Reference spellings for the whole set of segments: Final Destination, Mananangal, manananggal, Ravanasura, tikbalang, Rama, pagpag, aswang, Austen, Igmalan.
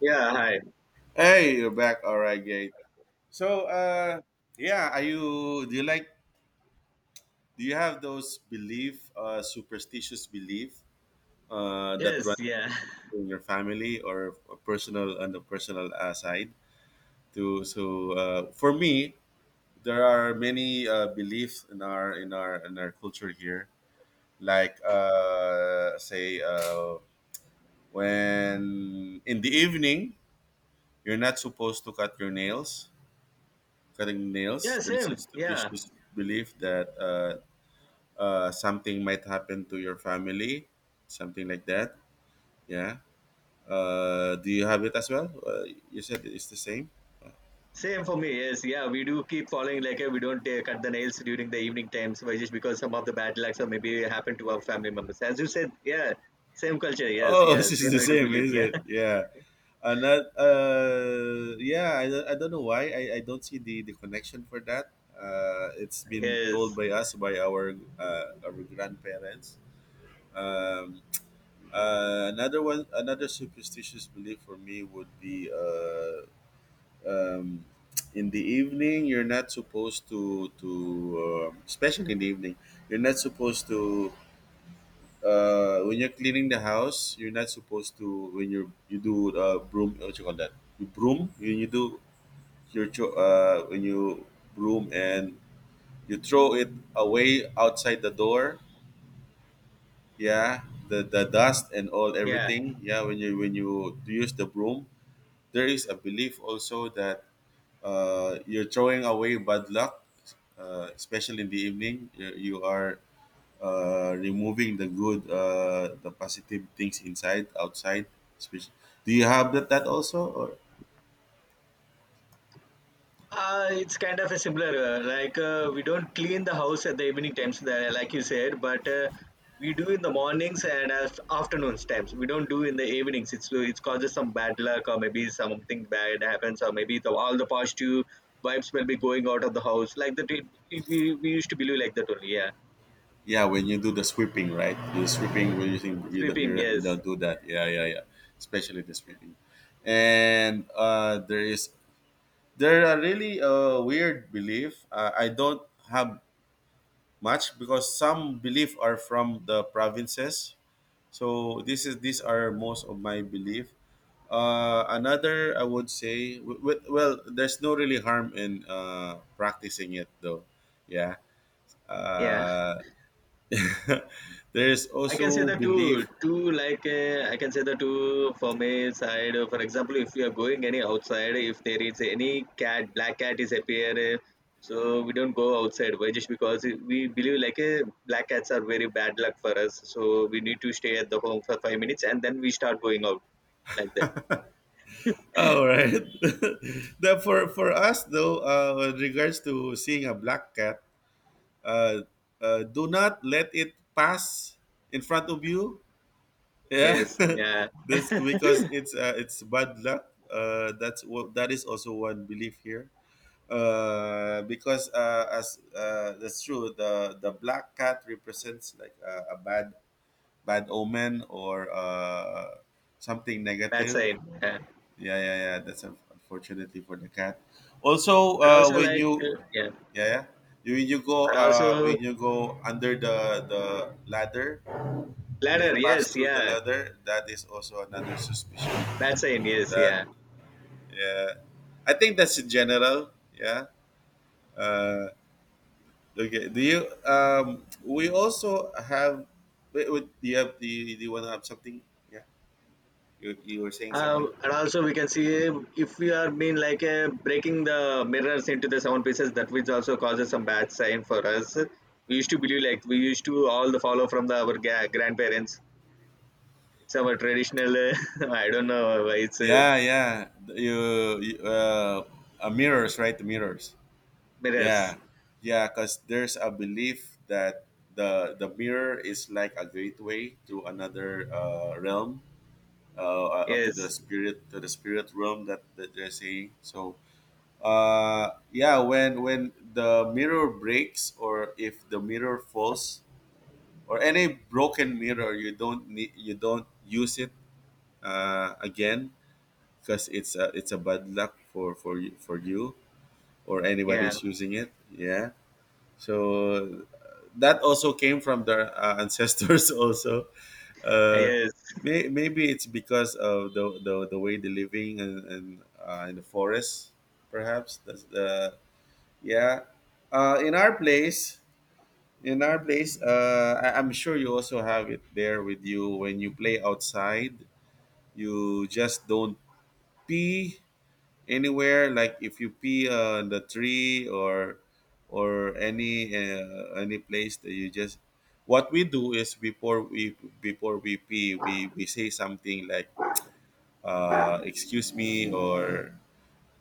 Yeah, hi. Hey, you're back. All right, Gate. So, uh, yeah, are you? Do you like? Do you have those superstitious belief, that Yes, run yeah. in your family or a personal on the personal side? For me, there are many beliefs in our culture here. Like, uh, say, uh, when in the evening, you're not supposed to cut your nails cutting nails. Yeah, There's a same. Yeah. stupendous belief that something might happen to your family, something like that. Yeah. Do you have it as well? You said it's the same. Same for me. Yes, yeah. We do keep following like we don't cut the nails during the evening times, but just because some of the bad lucks or maybe happen to our family members. As you said, yeah. Same culture. Yes, Oh, yeah. this is Same, the I do same, believe. is Yeah. it? Yeah. Not, Yeah, I don't know why. I don't see the connection for that. It's been told yes. by us, by our grandparents. Um, Another one, another superstitious belief for me would be um, in the evening you're not supposed to, especially in the evening you're not supposed to when you're cleaning the house you're not supposed to when you do broom what you call that you broom when you do your when you broom and you throw it away outside the door, yeah, the dust and all Yeah. everything, yeah, when you use the broom. There is a belief also that you're throwing away bad luck, especially in the evening. You are removing the positive things inside, outside. Especially, do you have that also? Or It's kind of a similar, like we don't clean the house at the evening times, there, like you said, but we do in the mornings and afternoons times. We don't do in the evenings. It causes some bad luck or maybe something bad happens, or maybe the, all the positive vibes will be going out of the house. Like that, it, we used to believe like that only. Yeah, yeah, when you do the sweeping, right? The sweeping when you think you don't, you sweeping. don't you Yes. don't do that. Yeah, yeah, yeah. Especially the sweeping, and there is there are really a weird belief. I don't have much because some belief are from the provinces. So this is these are most of my belief. Another I would say well there's no really harm in practicing it though. Yeah. Yeah. Uh, there's I can say also the two, belief. two like I can say the two for male side. For example, if you are going any outside, if there is any cat, black cat is appear, so we don't go outside. Why? Just because we believe like black cats are very bad luck for us. So we need to stay at the home for 5 minutes and then we start going out like that. All right. For us though, with regards to seeing a black cat, uh, do not let it pass in front of you. Yeah, Yes, yeah, this because it's bad luck. That's what that is also one belief here. Because as That's true. The black cat represents like a bad bad omen or something bad negative. sign. Yeah. Yeah, yeah, yeah. That's unfortunately for the cat. Also, And also when like you yeah, yeah, yeah. You- When you go and also under the ladder when ladder. you pass Yes, through the yeah, leather, that is also another suspicion. bad sign. Yes, That, yeah. yeah, I think that's in general. Yeah. Uh, okay. Do you? We also have. Wait, wait, do you have? Do you want to have something? Yeah. You were saying something. And also we can see if we are being like breaking the mirrors into the seven pieces, that which also causes some bad sign for us. We used to believe, like we used to all the follow from the our grandparents. It's our traditional I don't know why it's Yeah, yeah. You Mirrors, right? The mirrors. mirrors. Yeah, yeah. Because there's a belief that the mirror is like a gateway to another realm. To the Yes, spirit to the spirit realm that they're saying, so yeah, when the mirror breaks or if the mirror falls or any broken mirror you don't need you don't use it again because it's a bad luck for for you or yeah. anybody's using it, yeah. So that also came from the ancestors also. uh, Yes, Maybe it's because of the way they're living, and in the forest, perhaps. That's the yeah. Uh, in our place, in our place, I'm sure you also have it there with you when you play outside. You just don't pee anywhere. Like if you pee on the tree or any place that you just, what we do is before we pee, we say something like excuse me or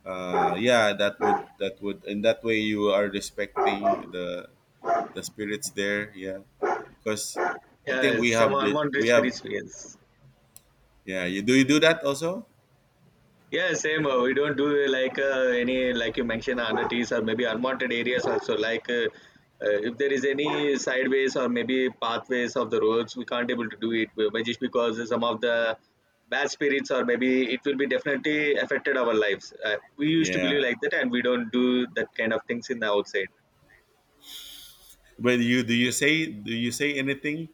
yeah, that would and that way you are respecting the spirits there, yeah. Because I think yeah, some we unwanted have spirits, yes. yeah, you do, you do that also. Yeah, same. We don't do like any, like you mentioned, unearths or maybe unwanted areas also. Like if there is any sideways or maybe pathways of the roads, we can't able to do it, just because some of the bad spirits or maybe it will be definitely affected our lives. We used to believe Yeah, like that, and we don't do that kind of things in the outside. but you say, do you say anything,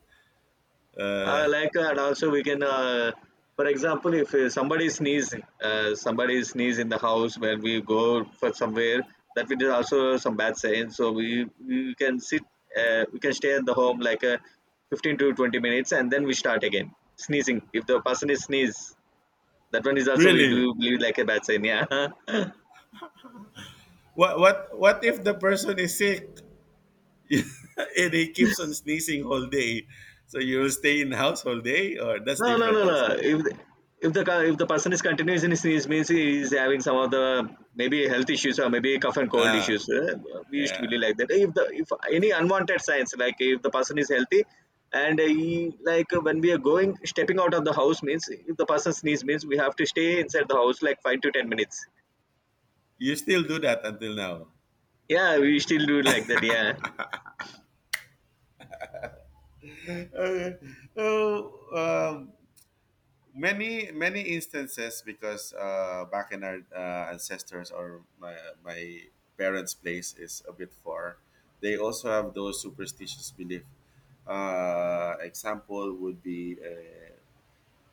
Uh, Like and also we can for example, if somebody sneeze, somebody sneeze in the house when we go for somewhere, that we is also some bad sign. So we can sit, we can stay at the home like 15 to 20 minutes, and then we start again sneezing. If the person is sneeze, that one is also we really. do believe like a bad sign, yeah. What if the person is sick and he keeps on sneezing whole day? So you will stay in house whole day, or that's No, no, different no, no. also. If the, if the if the person is continuous in his sneeze means he is having some of the maybe health issues or maybe cough and cold Ah, issues. We used to yeah. believe like that. If the, if any Okay. unwanted signs, like if the person is healthy and he, like when we are going stepping out of the house, means if the person sneeze means we have to stay inside the house like 5 to 10 minutes. You still do that until now. Yeah, we still do like that. Yeah, Okay. So, um, many many instances because back in our ancestors or my parents' place is a bit far. They also have those superstitious belief. Example would be.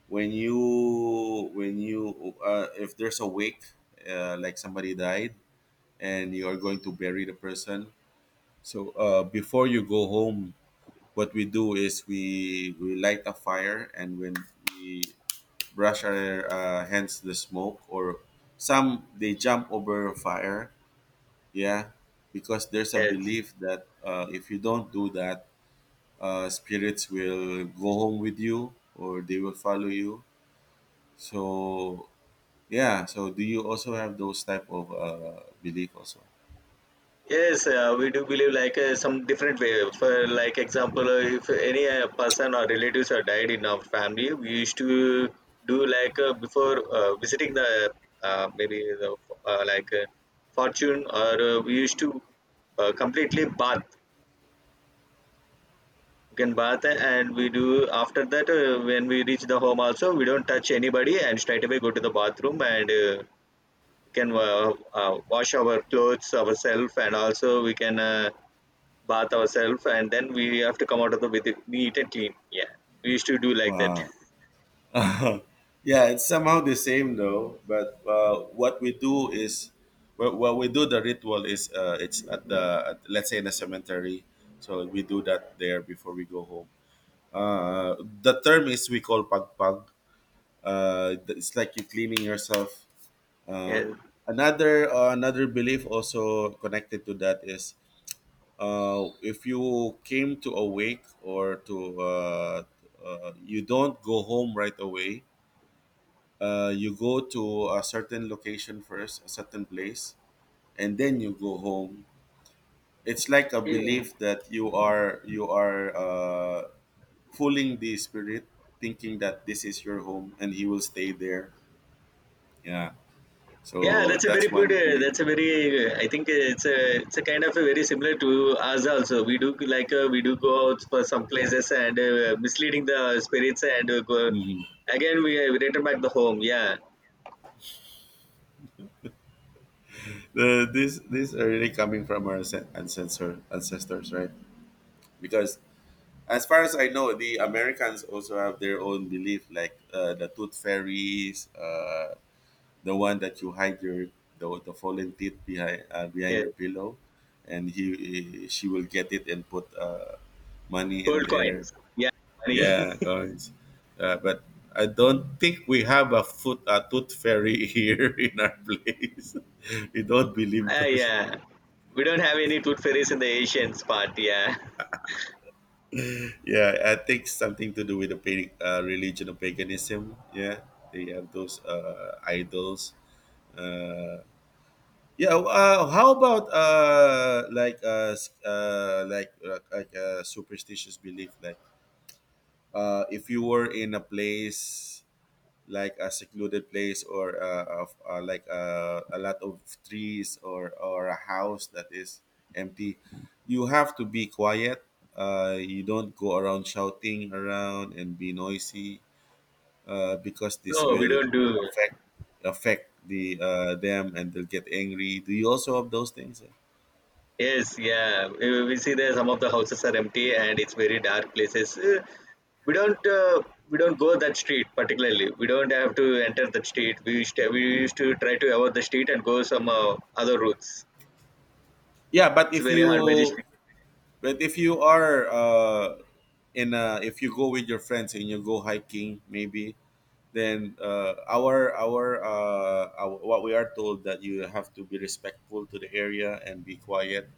When you when you if there's a wake, like somebody died and you are going to bury the person, so before you go home what we do is we light a fire and when we brush our hands the smoke, or some they jump over fire, yeah, because there's a yes. belief that if you don't do that, spirits will go home with you or they will follow you, so. Yeah. So do you also have those type of belief also? Yes, we do believe like some different way. For like example, if any person or relatives are died in our family, we used to do like before visiting the maybe the like fortune, or we used to completely bath. We can bath, and we do after that, when we reach the home also we don't touch anybody and straight away go to the bathroom, and we can wash our clothes ourselves, and also we can. Bath ourselves, and then we have to come out of the with it, neat and clean. Yeah, we used to do like that. Wow. Yeah, it's somehow the same though. But what we do is, well, what we do the ritual is, it's at the at, let's say, in the cemetery. So we do that there before we go home. Uh, the term is we call pagpag. It's like you cleaning yourself. Uh, Yeah. another another belief also connected to that is if you came to awake or to you don't go home right away, you go to a certain location first, a certain place, and then you go home. It's like a Okay. belief that you are fooling the spirit, thinking that this is your home and he will stay there, yeah. Yeah, So that's a very that's good. one belief. That's a very. I think it's a. It's a kind of a very similar to us also. We do like we do go out for some places and misleading the spirits, and go, Mhm. again we return back the home. Yeah, These are really coming from our ancestors, right? Because as far as I know, the Americans also have their own belief, like the tooth fairies, the one that you hide your the fallen teeth behind behind yeah. your pillow, and she will get it and put money in Gold there. coins. Yeah, money. Yeah, guys. But I don't think we have a foot a tooth fairy here in our place. We don't believe Ah, those. yeah. We don't have any tooth fairies in the Asians part. Yeah. Yeah, I think something to do with the religion of paganism. Yeah, they have those idols. Uh, yeah. How about like s- like, superstitious belief? Like if you were in a place like a secluded place, or of like a lot of trees, or a house that is empty, you have to be quiet, you don't go around shouting around and be noisy, because this No, we will don't do. affect affect the them and they'll get angry. Do you also have those things? Yes, yeah. We see there some of the houses are empty and it's very dark places. We don't uh, we don't go that street particularly. We don't have to enter that street. We used to try to avoid the street and go some other routes. Yeah, It's very hard by the street. but if you are if you go with your friends and you go hiking maybe, then our what we are told, that you have to be respectful to the area and be quiet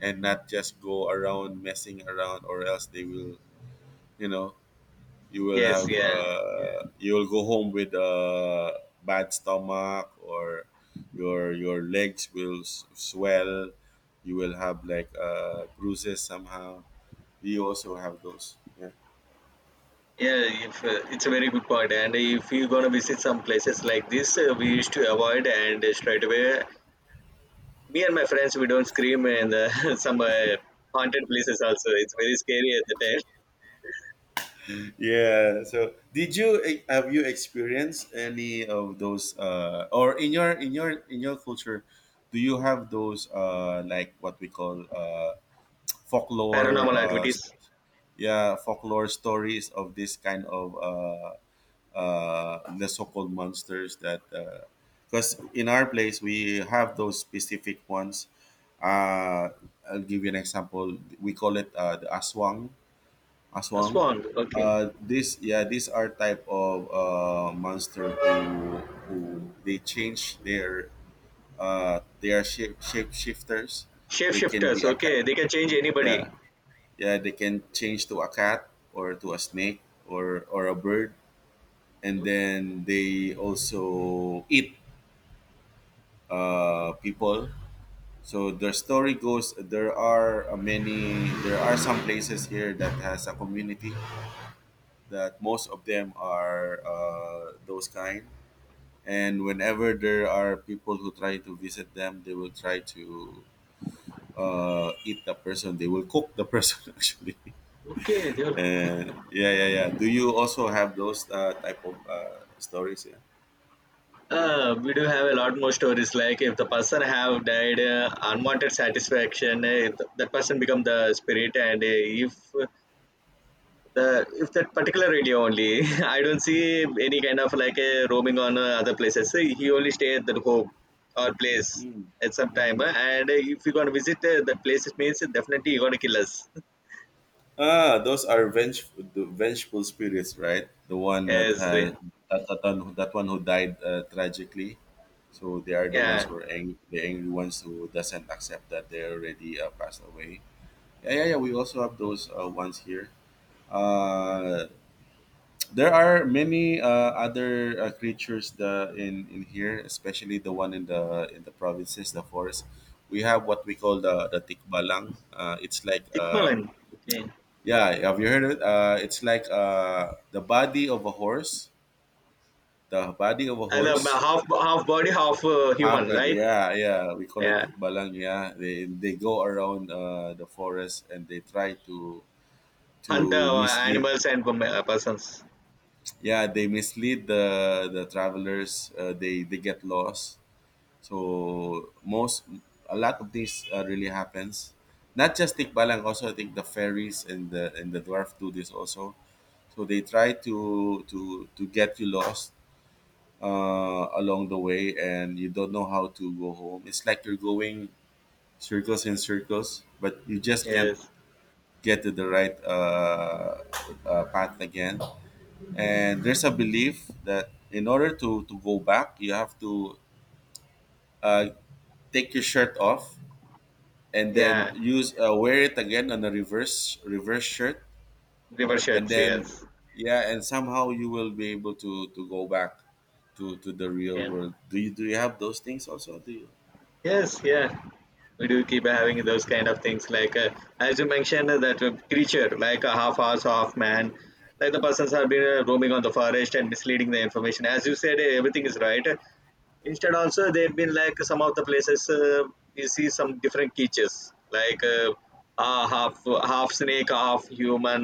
and not just go around messing around or else they will, you know, you will Yes, have yeah. You will go home with a bad stomach, or your legs will swell, you will have like bruises somehow. We also have those, yeah. Yeah, if, it's a very good point. And if you're gonna visit some places like this, we used to avoid and straight away. Me and my friends, we don't scream in the, some haunted places. Also, it's very scary at the time. Yeah. So, did you have you experienced any of those, uh, or in your in your in your culture do you have those like what we call folklore Paranormal activities. Yeah, folklore stories of this kind of the so-called monsters that, uh, because in our place we have those specific ones. Uh, I'll give you an example. We call it the aswang. A Aswang. swan. Okay. This yeah, these are type of monster who they change their they are shapeshifters. They can be Shapeshifters. a cat. Okay, they can change anybody. Yeah, yeah, they can change to a cat, or to a snake, or a bird, and then they also eat people. So the story goes, there are many there are some places here that has a community that most of them are those kind. And whenever there are people who try to visit them, they will try to eat the person. They will cook the person actually. Okay, they are. And yeah, yeah, yeah. Do you also have those type of stories? Yeah. We do have a lot more stories. Like if the person have died, unwanted satisfaction, if that person become the spirit, and if the if that particular area only, I don't see any kind of like a roaming on other places. So he only stay at that home or place at some time, Mm. And if you gonna visit that places means definitely you gonna kill us. Ah, those are the vengeful spirits, right? The one that Yes, has that one who died tragically. So they are the ones yeah. who are angry, the angry ones who doesn't accept that they already passed away. Yeah, yeah, yeah. We also have those ones here. Uh, there are many other creatures the, in here, especially the one in the provinces, the forest. We have what we call the tikbalang. Uh, it's like uh, Igmalan. Okay. yeah, have you heard it? Uh, it's like, the body of a horse, the body of a And horse half half body, half human, happened. right? Yeah, yeah, we call it Yeah. tikbalang. Yeah, they go around the forest and they try to Hunter the mislead. animals and persons. Yeah, they mislead the travelers. Uh, they get lost. So most a lot of this really happens. Not just tikbalang, also I think the fairies and the dwarf do this also. So they try to get you lost along the way, and you don't know how to go home. It's like you're going circles and circles, but you just can't Yes. get to the right path again. And there's a belief that in order to go back, you have to uh, take your shirt off and then Yeah. use wear it again on a reverse shirt, River and sheds. then Yes. yeah, and somehow you will be able to go back to the real Yeah. world. Do you have those things also? do Yes. Yeah, we do keep having those kind of things, like as you mentioned, that creature like a half horse half man, like the persons have been roaming on the forest and misleading the information, as you said, everything is right. Instead also, they've been like some of the places you see some different creatures, like half half snake half human.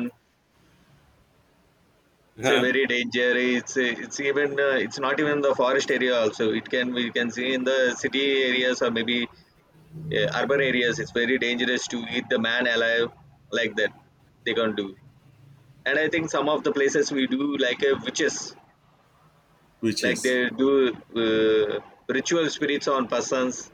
It's a you very danger, it's even it's not even the forest area also, it can, we can see in the city areas or maybe, yeah, urban areas. It's very dangerous to eat the man alive like that, they can't do. And I think some of the places we do like witches, like they Witches. do uh, ritual spirits on persons,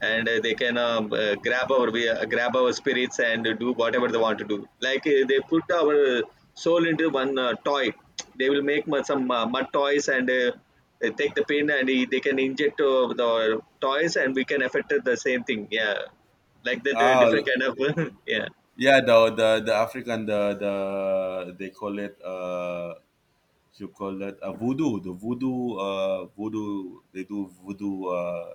and they can grab our spirits and do whatever they want to do. Like they put our soul into one toy. They will make mud, some mud toys, and they take the pin, and they can inject the toys, and we can affect it the same thing. Yeah, like that Oh, different kind of yeah. yeah, the African, the they call it you call it a voodoo, the voodoo, they do voodoo. uh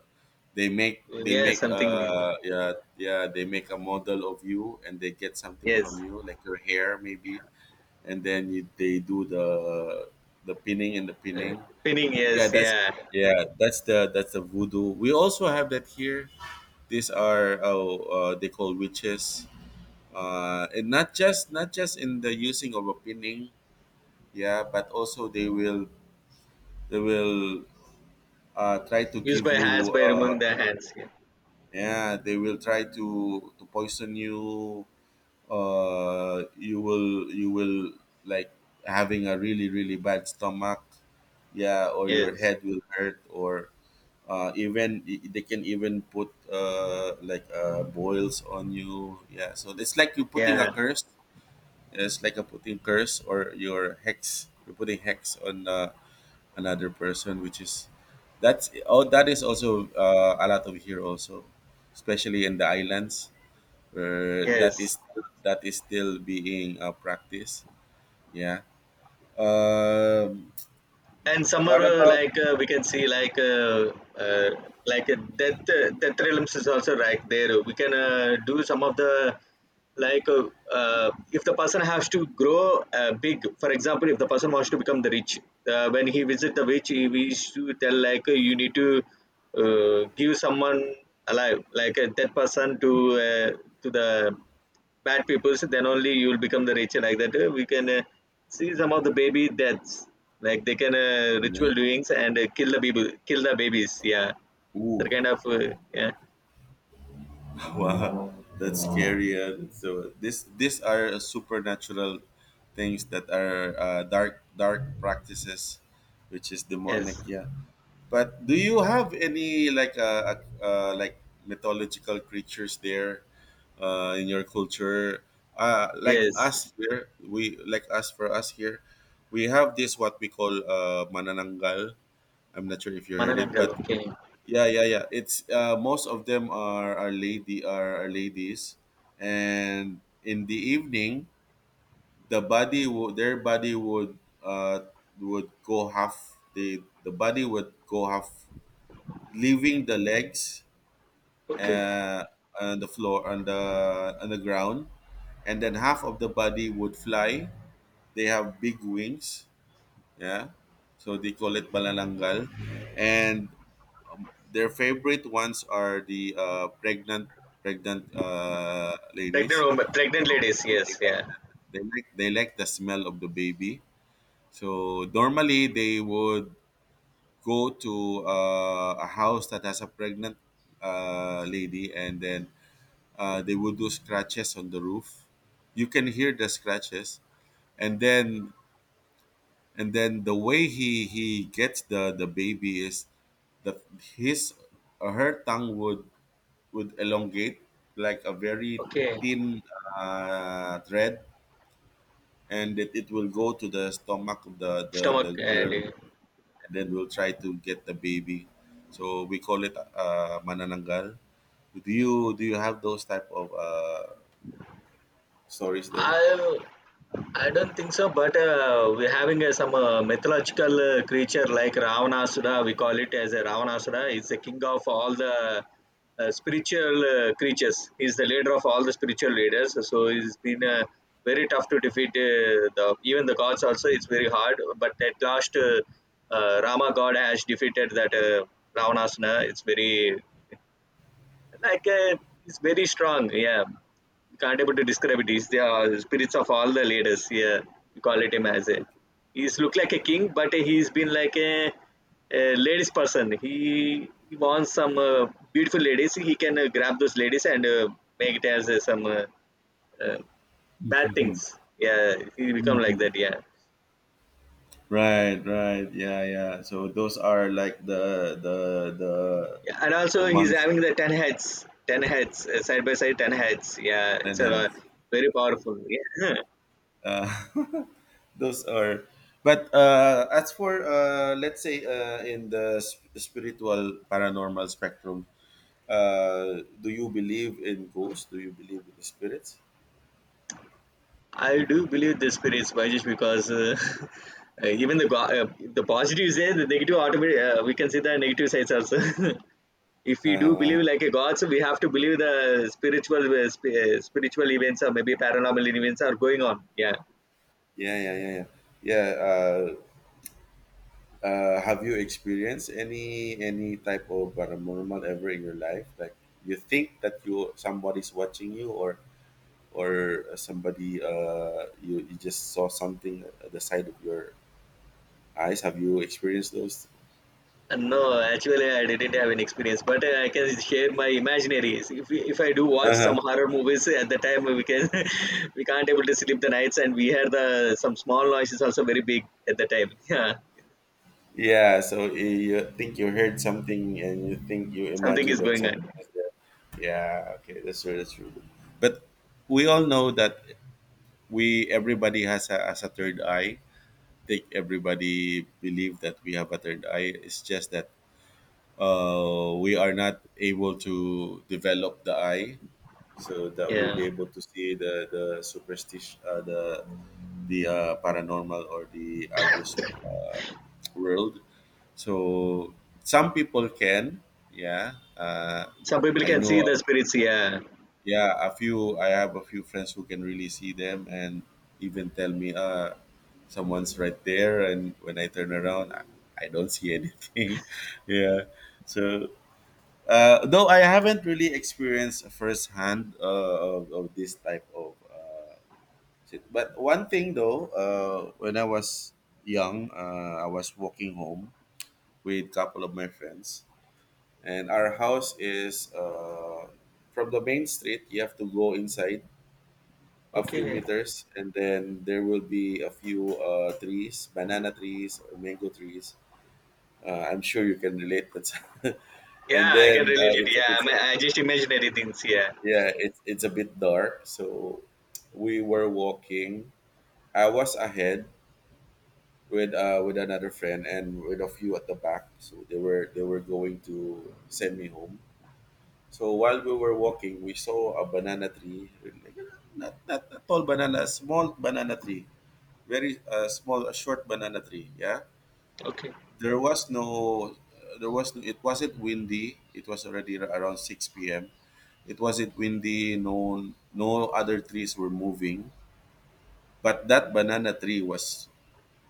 they make they Yeah, make something new. uh yeah yeah, they make a model of you, and they get something from Yes. you, like your hair, maybe, and then you, they do the pinning and the uh, pinning. Pinning, Yeah, yes, that's, yeah. yeah, that's the, that's the voodoo. We also have that here. These are, oh they call witches, and not just, not just in the using of opinion, yeah, but also they will, they will try to Used give by hands you by removing the hands, yeah. yeah, they will try to poison you. Uh, you will, like, having a really bad stomach, yeah, or your Yes, head will hurt, or uh, they can even put like boils on you. Yeah, so it's like you're putting a yeah. curse. It's like a putting curse or your hex. You're putting hex on another person, which is, that's, oh, that is also a lot of here also, especially in the islands, where Yes. that is, that is still being practiced. Yeah. Um. And some are What about? like we can see like death death realms is also. Like there we can do some of the like if the person has to grow big. For example, if the person wants to become the rich, when he visit the witch, he wish to tell like you need to give someone alive, like that person uh, to the bad people, so then only you'll become the richer. Like that, we can see some of the baby deaths. Like they can ritual doings, and kill the people, kill the babies. Yeah, Ooh. that kind of yeah. Wow, that's scary. So this, these are supernatural things that are dark practices, which is demonic. Yes, Yeah. But do you have any, like mythological creatures there in your culture? Like yes. us here, we, like us, for us here, we have this, what we call manananggal. I'm not sure if you heard it, Mananangal. but Okay. yeah, yeah, yeah. It's most of them are lady, are ladies, and in the evening, their body would uh, go half, the body would go half, leaving the legs uh, on the floor, on the ground, and then half of the body would fly. They have big wings, yeah. So they call it balalangal, and their favorite ones are the pregnant, pregnant ladies. Pregnant women, pregnant So ladies. they Yes, like yeah. the, they like, they like the smell of the baby. So normally they would go to a house that has a pregnant lady, and then they would do scratches on the roof. You can hear the scratches, and then, and then the way he gets the baby is that his her tongue would elongate, like a very Okay. thin thread, and it will go to the stomach of the the, Stomach the and girl, and then we'll try to get the baby. So we call it manananggal. Do you have those type of stories there? I'll, I don't think so, but we're having some mythological creature like Ravanasura. We call it as a Ravanasura. He's the king of all the spiritual creatures. He's the leader of all the spiritual leaders. So it's been very tough to defeat the even the gods. Also, it's very hard. But at last, Rama God has defeated that Ravanasura. It's very like it's very strong, yeah. You can't able to describe it. It's the spirits of all the leaders, yeah. You call it him as a, he's look like a king, but he's been like a ladies person. He wants some beautiful ladies. He can grab those ladies, and make it as some uh, bad things, yeah. He become like Mhm. that, yeah. Right, right, yeah, yeah. So those are like the Yeah, and the also he's months, having the ten heads side by side, ten heads. Yeah, ten it's a lot- heads. very powerful. Yeah, Uh, those are, but as for let's say in the spiritual paranormal spectrum, do you believe in ghosts? Do you believe in spirits? I do believe the spirits, by just because even the the positive side, the negative automatic. We can see the negative sides also. If we do Uh, believe like a god, so we have to believe the spiritual spiritual events or maybe paranormal events are going on. Yeah. Yeah, yeah, yeah, yeah. Yeah. Uh, have you experienced any type of paranormal ever in your life? Like, you think that you somebody's watching you, or somebody you just saw something at the side of your eyes. Have you experienced those? And no, actually, I didn't have an experience, but I can share my imaginaries. If I do watch Uh huh. some horror movies at the time, we can we can't able to sleep the nights, and we hear the some small noises also very big at the time. Yeah, Yeah. So eh, you think you heard something, and you think you something imagine is that going something on. was there. Yeah. Okay. That's true. That's true. But we all know that we everybody has a third eye. Think everybody believe that we have a third eye. It's just that we are not able to develop the eye so that we'll be Yeah. able to see the superstition, the paranormal or the others uh, world. So some people can, yeah. Some people I can see know, the spirits, yeah. yeah, a few. I have a few friends who can really see them and even tell me, someone's right there, and when I turn around, I don't see anything. Yeah, so though I haven't really experienced firsthand of this type of shit. But one thing though, when I was young, I was walking home with couple of my friends, and our house is from the main street, you have to go inside a few Okay. meters, and then there will be a few trees, banana trees or mango trees. I'm sure you can relate. That's Yeah, and I can then relate it. It's Yeah, I just imaginary things, yeah. yeah, it's a bit dark. So we were walking. I was ahead with another friend, and with a few at the back. So they were going to send me home. So while we were walking, we saw a banana tree, like, not, not a tall banana, small banana tree, very small, a short banana tree. Yeah, Okay. there was no, there was no, it wasn't windy. It was already around six p.m. It wasn't windy. No, no other trees were moving, but that banana tree was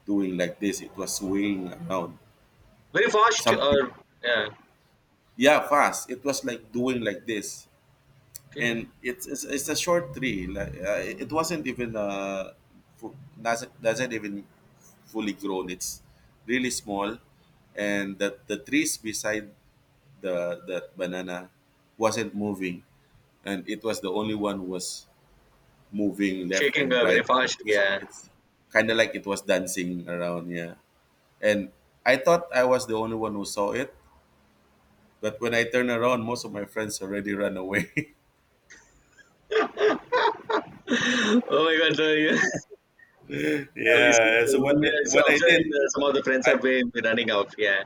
doing like this. It was swaying around. Very fast Something, or yeah. yeah, fast. It was like doing like this. Okay. And it's a short tree. Like, it wasn't even fu- doesn't even fully grown. It's really small, and the trees beside the banana wasn't moving, and it was the only one who was moving left Shaking and very right. fast, It's yeah. it's kind of like it was dancing around, yeah. And I thought I was the only one who saw it, but when I turned around, most of my friends already ran away. Oh my god, so yeah. Yeah, we see Yeah. So what when we are so what I observing did, the, some of the friends I. are way running out, yeah.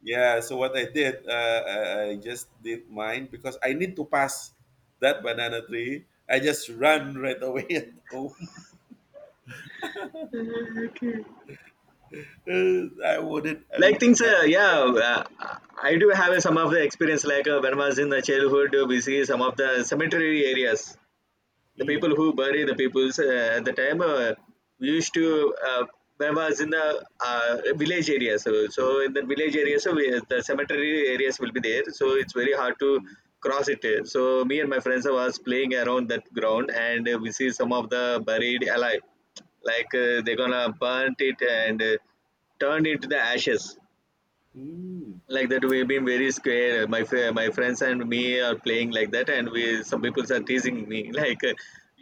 Yeah, so what I did, uh, I just did mine because I need to pass that banana tree. I just run right away at home. I wouldn't, I Like would things, not forget. That. I do have some of the experience. Like when I was in the childhood, we see some of the cemetery areas, the Mm. people who bury the peoples at the time we used to when I was in the village area, so in the village area so we, the cemetery areas will be there, so it's very hard to cross it, so me and my friends was playing around that ground, and we see some of the buried alive, like they're gonna burn it and turn into the ashes. Mm. Like that we've been very scared. My my friends and me are playing like that, and we some people are teasing me, like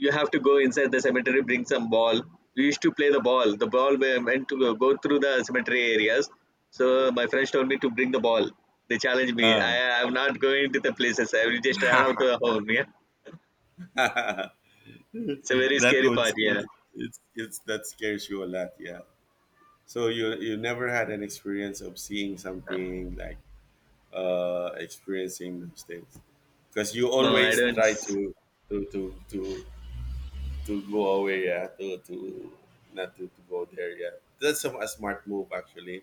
you have to go inside the cemetery, bring some ball. We used to play the ball, the ball went to go through the cemetery areas, so my friends told me to bring the ball. They challenged me. Uh. I'm not going to the places. I will just run out to the home, yeah. It's a very That scary would, part, yeah. It's that scares you a lot, yeah. So you never had an experience of seeing something, like experiencing those things, because you No, I always don't. try to to to to to go away, yeah, to not to, to go there, yeah. That's a smart move actually.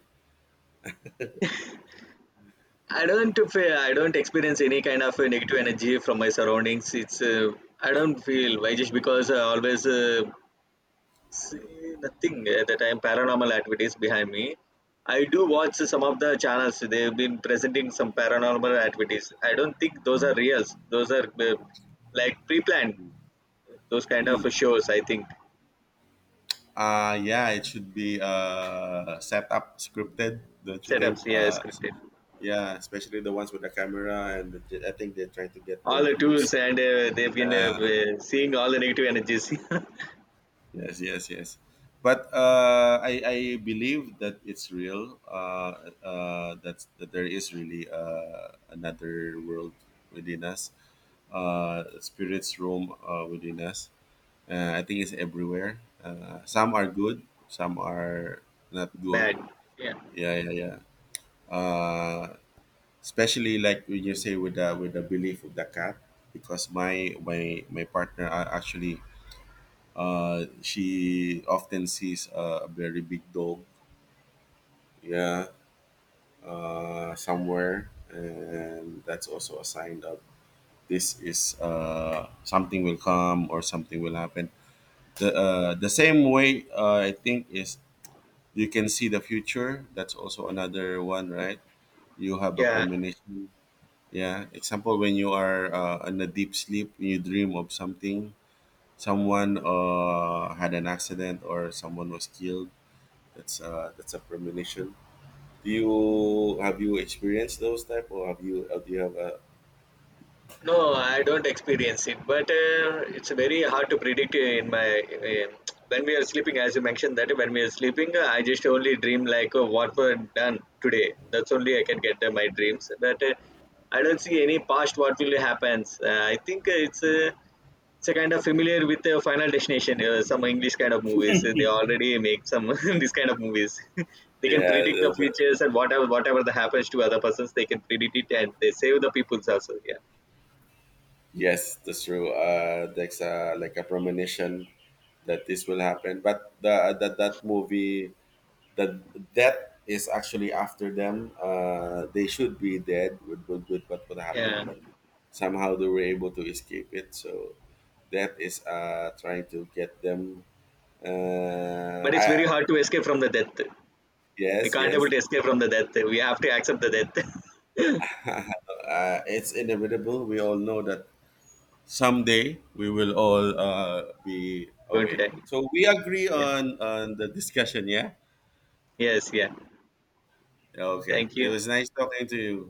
I don't feel, I don't experience any kind of negative energy from my surroundings. It's I don't feel why just because I always see nothing at the time paranormal activities behind me. I do watch some of the channels. They've been presenting some paranormal activities. I don't think those are reals. Those are like pre-planned. Those kind of Mm. shows. I think Yeah, it should be set up, scripted, don't you think? setups. Yeah, scripted. Yeah, especially the ones with the camera, and the, I think they're trying to get All more the views. tools and uh, they've been uh, Yeah, uh, seeing all the negative energies. yes, yes, yes. But I believe that it's real. Uh, that's, that there is really another world within us. Spirits roam within us. I think it's everywhere. Some are good, some are not good. Bad. Yeah. Yeah, yeah, yeah. Uh, especially like when you say with the, with the belief of the cat, because my partner actually she often sees a very big dog. Yeah, somewhere, and that's also a sign of, this is something will come, or something will happen. The same way I think is, you can see the future. That's also another one, right? You have a Yeah. premonition. Yeah. Example, when you are in a deep sleep, you dream of something. Someone had an accident, or someone was killed. That's a premonition. Do you have, you experienced those type, or have you do you have a No, I don't experience it, but it's very hard to predict in my when we are sleeping. As you mentioned that when we are sleeping, I just only dream like oh, what we done today. That's only I can get my dreams. But I don't see any past what will happen. I think it's a, it's a kind of familiar with Final Destination. Some English kind of movies. They already make some this kind of movies. They can yeah, predict the the, futures, and whatever that happens to other persons, they can predict it and they save the peoples also. Yeah. yes that's true. That's like a premonition that this will happen. But the, that that movie, the death is actually after them. They should be dead with what would happen, Yeah. but somehow they were able to escape it. So that is trying to get them. But it's I, very hard to escape from the death. We yes, can't yes. able to escape from the death. We have to accept the death. Uh, it's inevitable. We all know that someday we will all be Going to away. die. So we agree Yeah. On the discussion. Yeah. Yes. Yeah. Okay. Thank It you. was nice talking to you.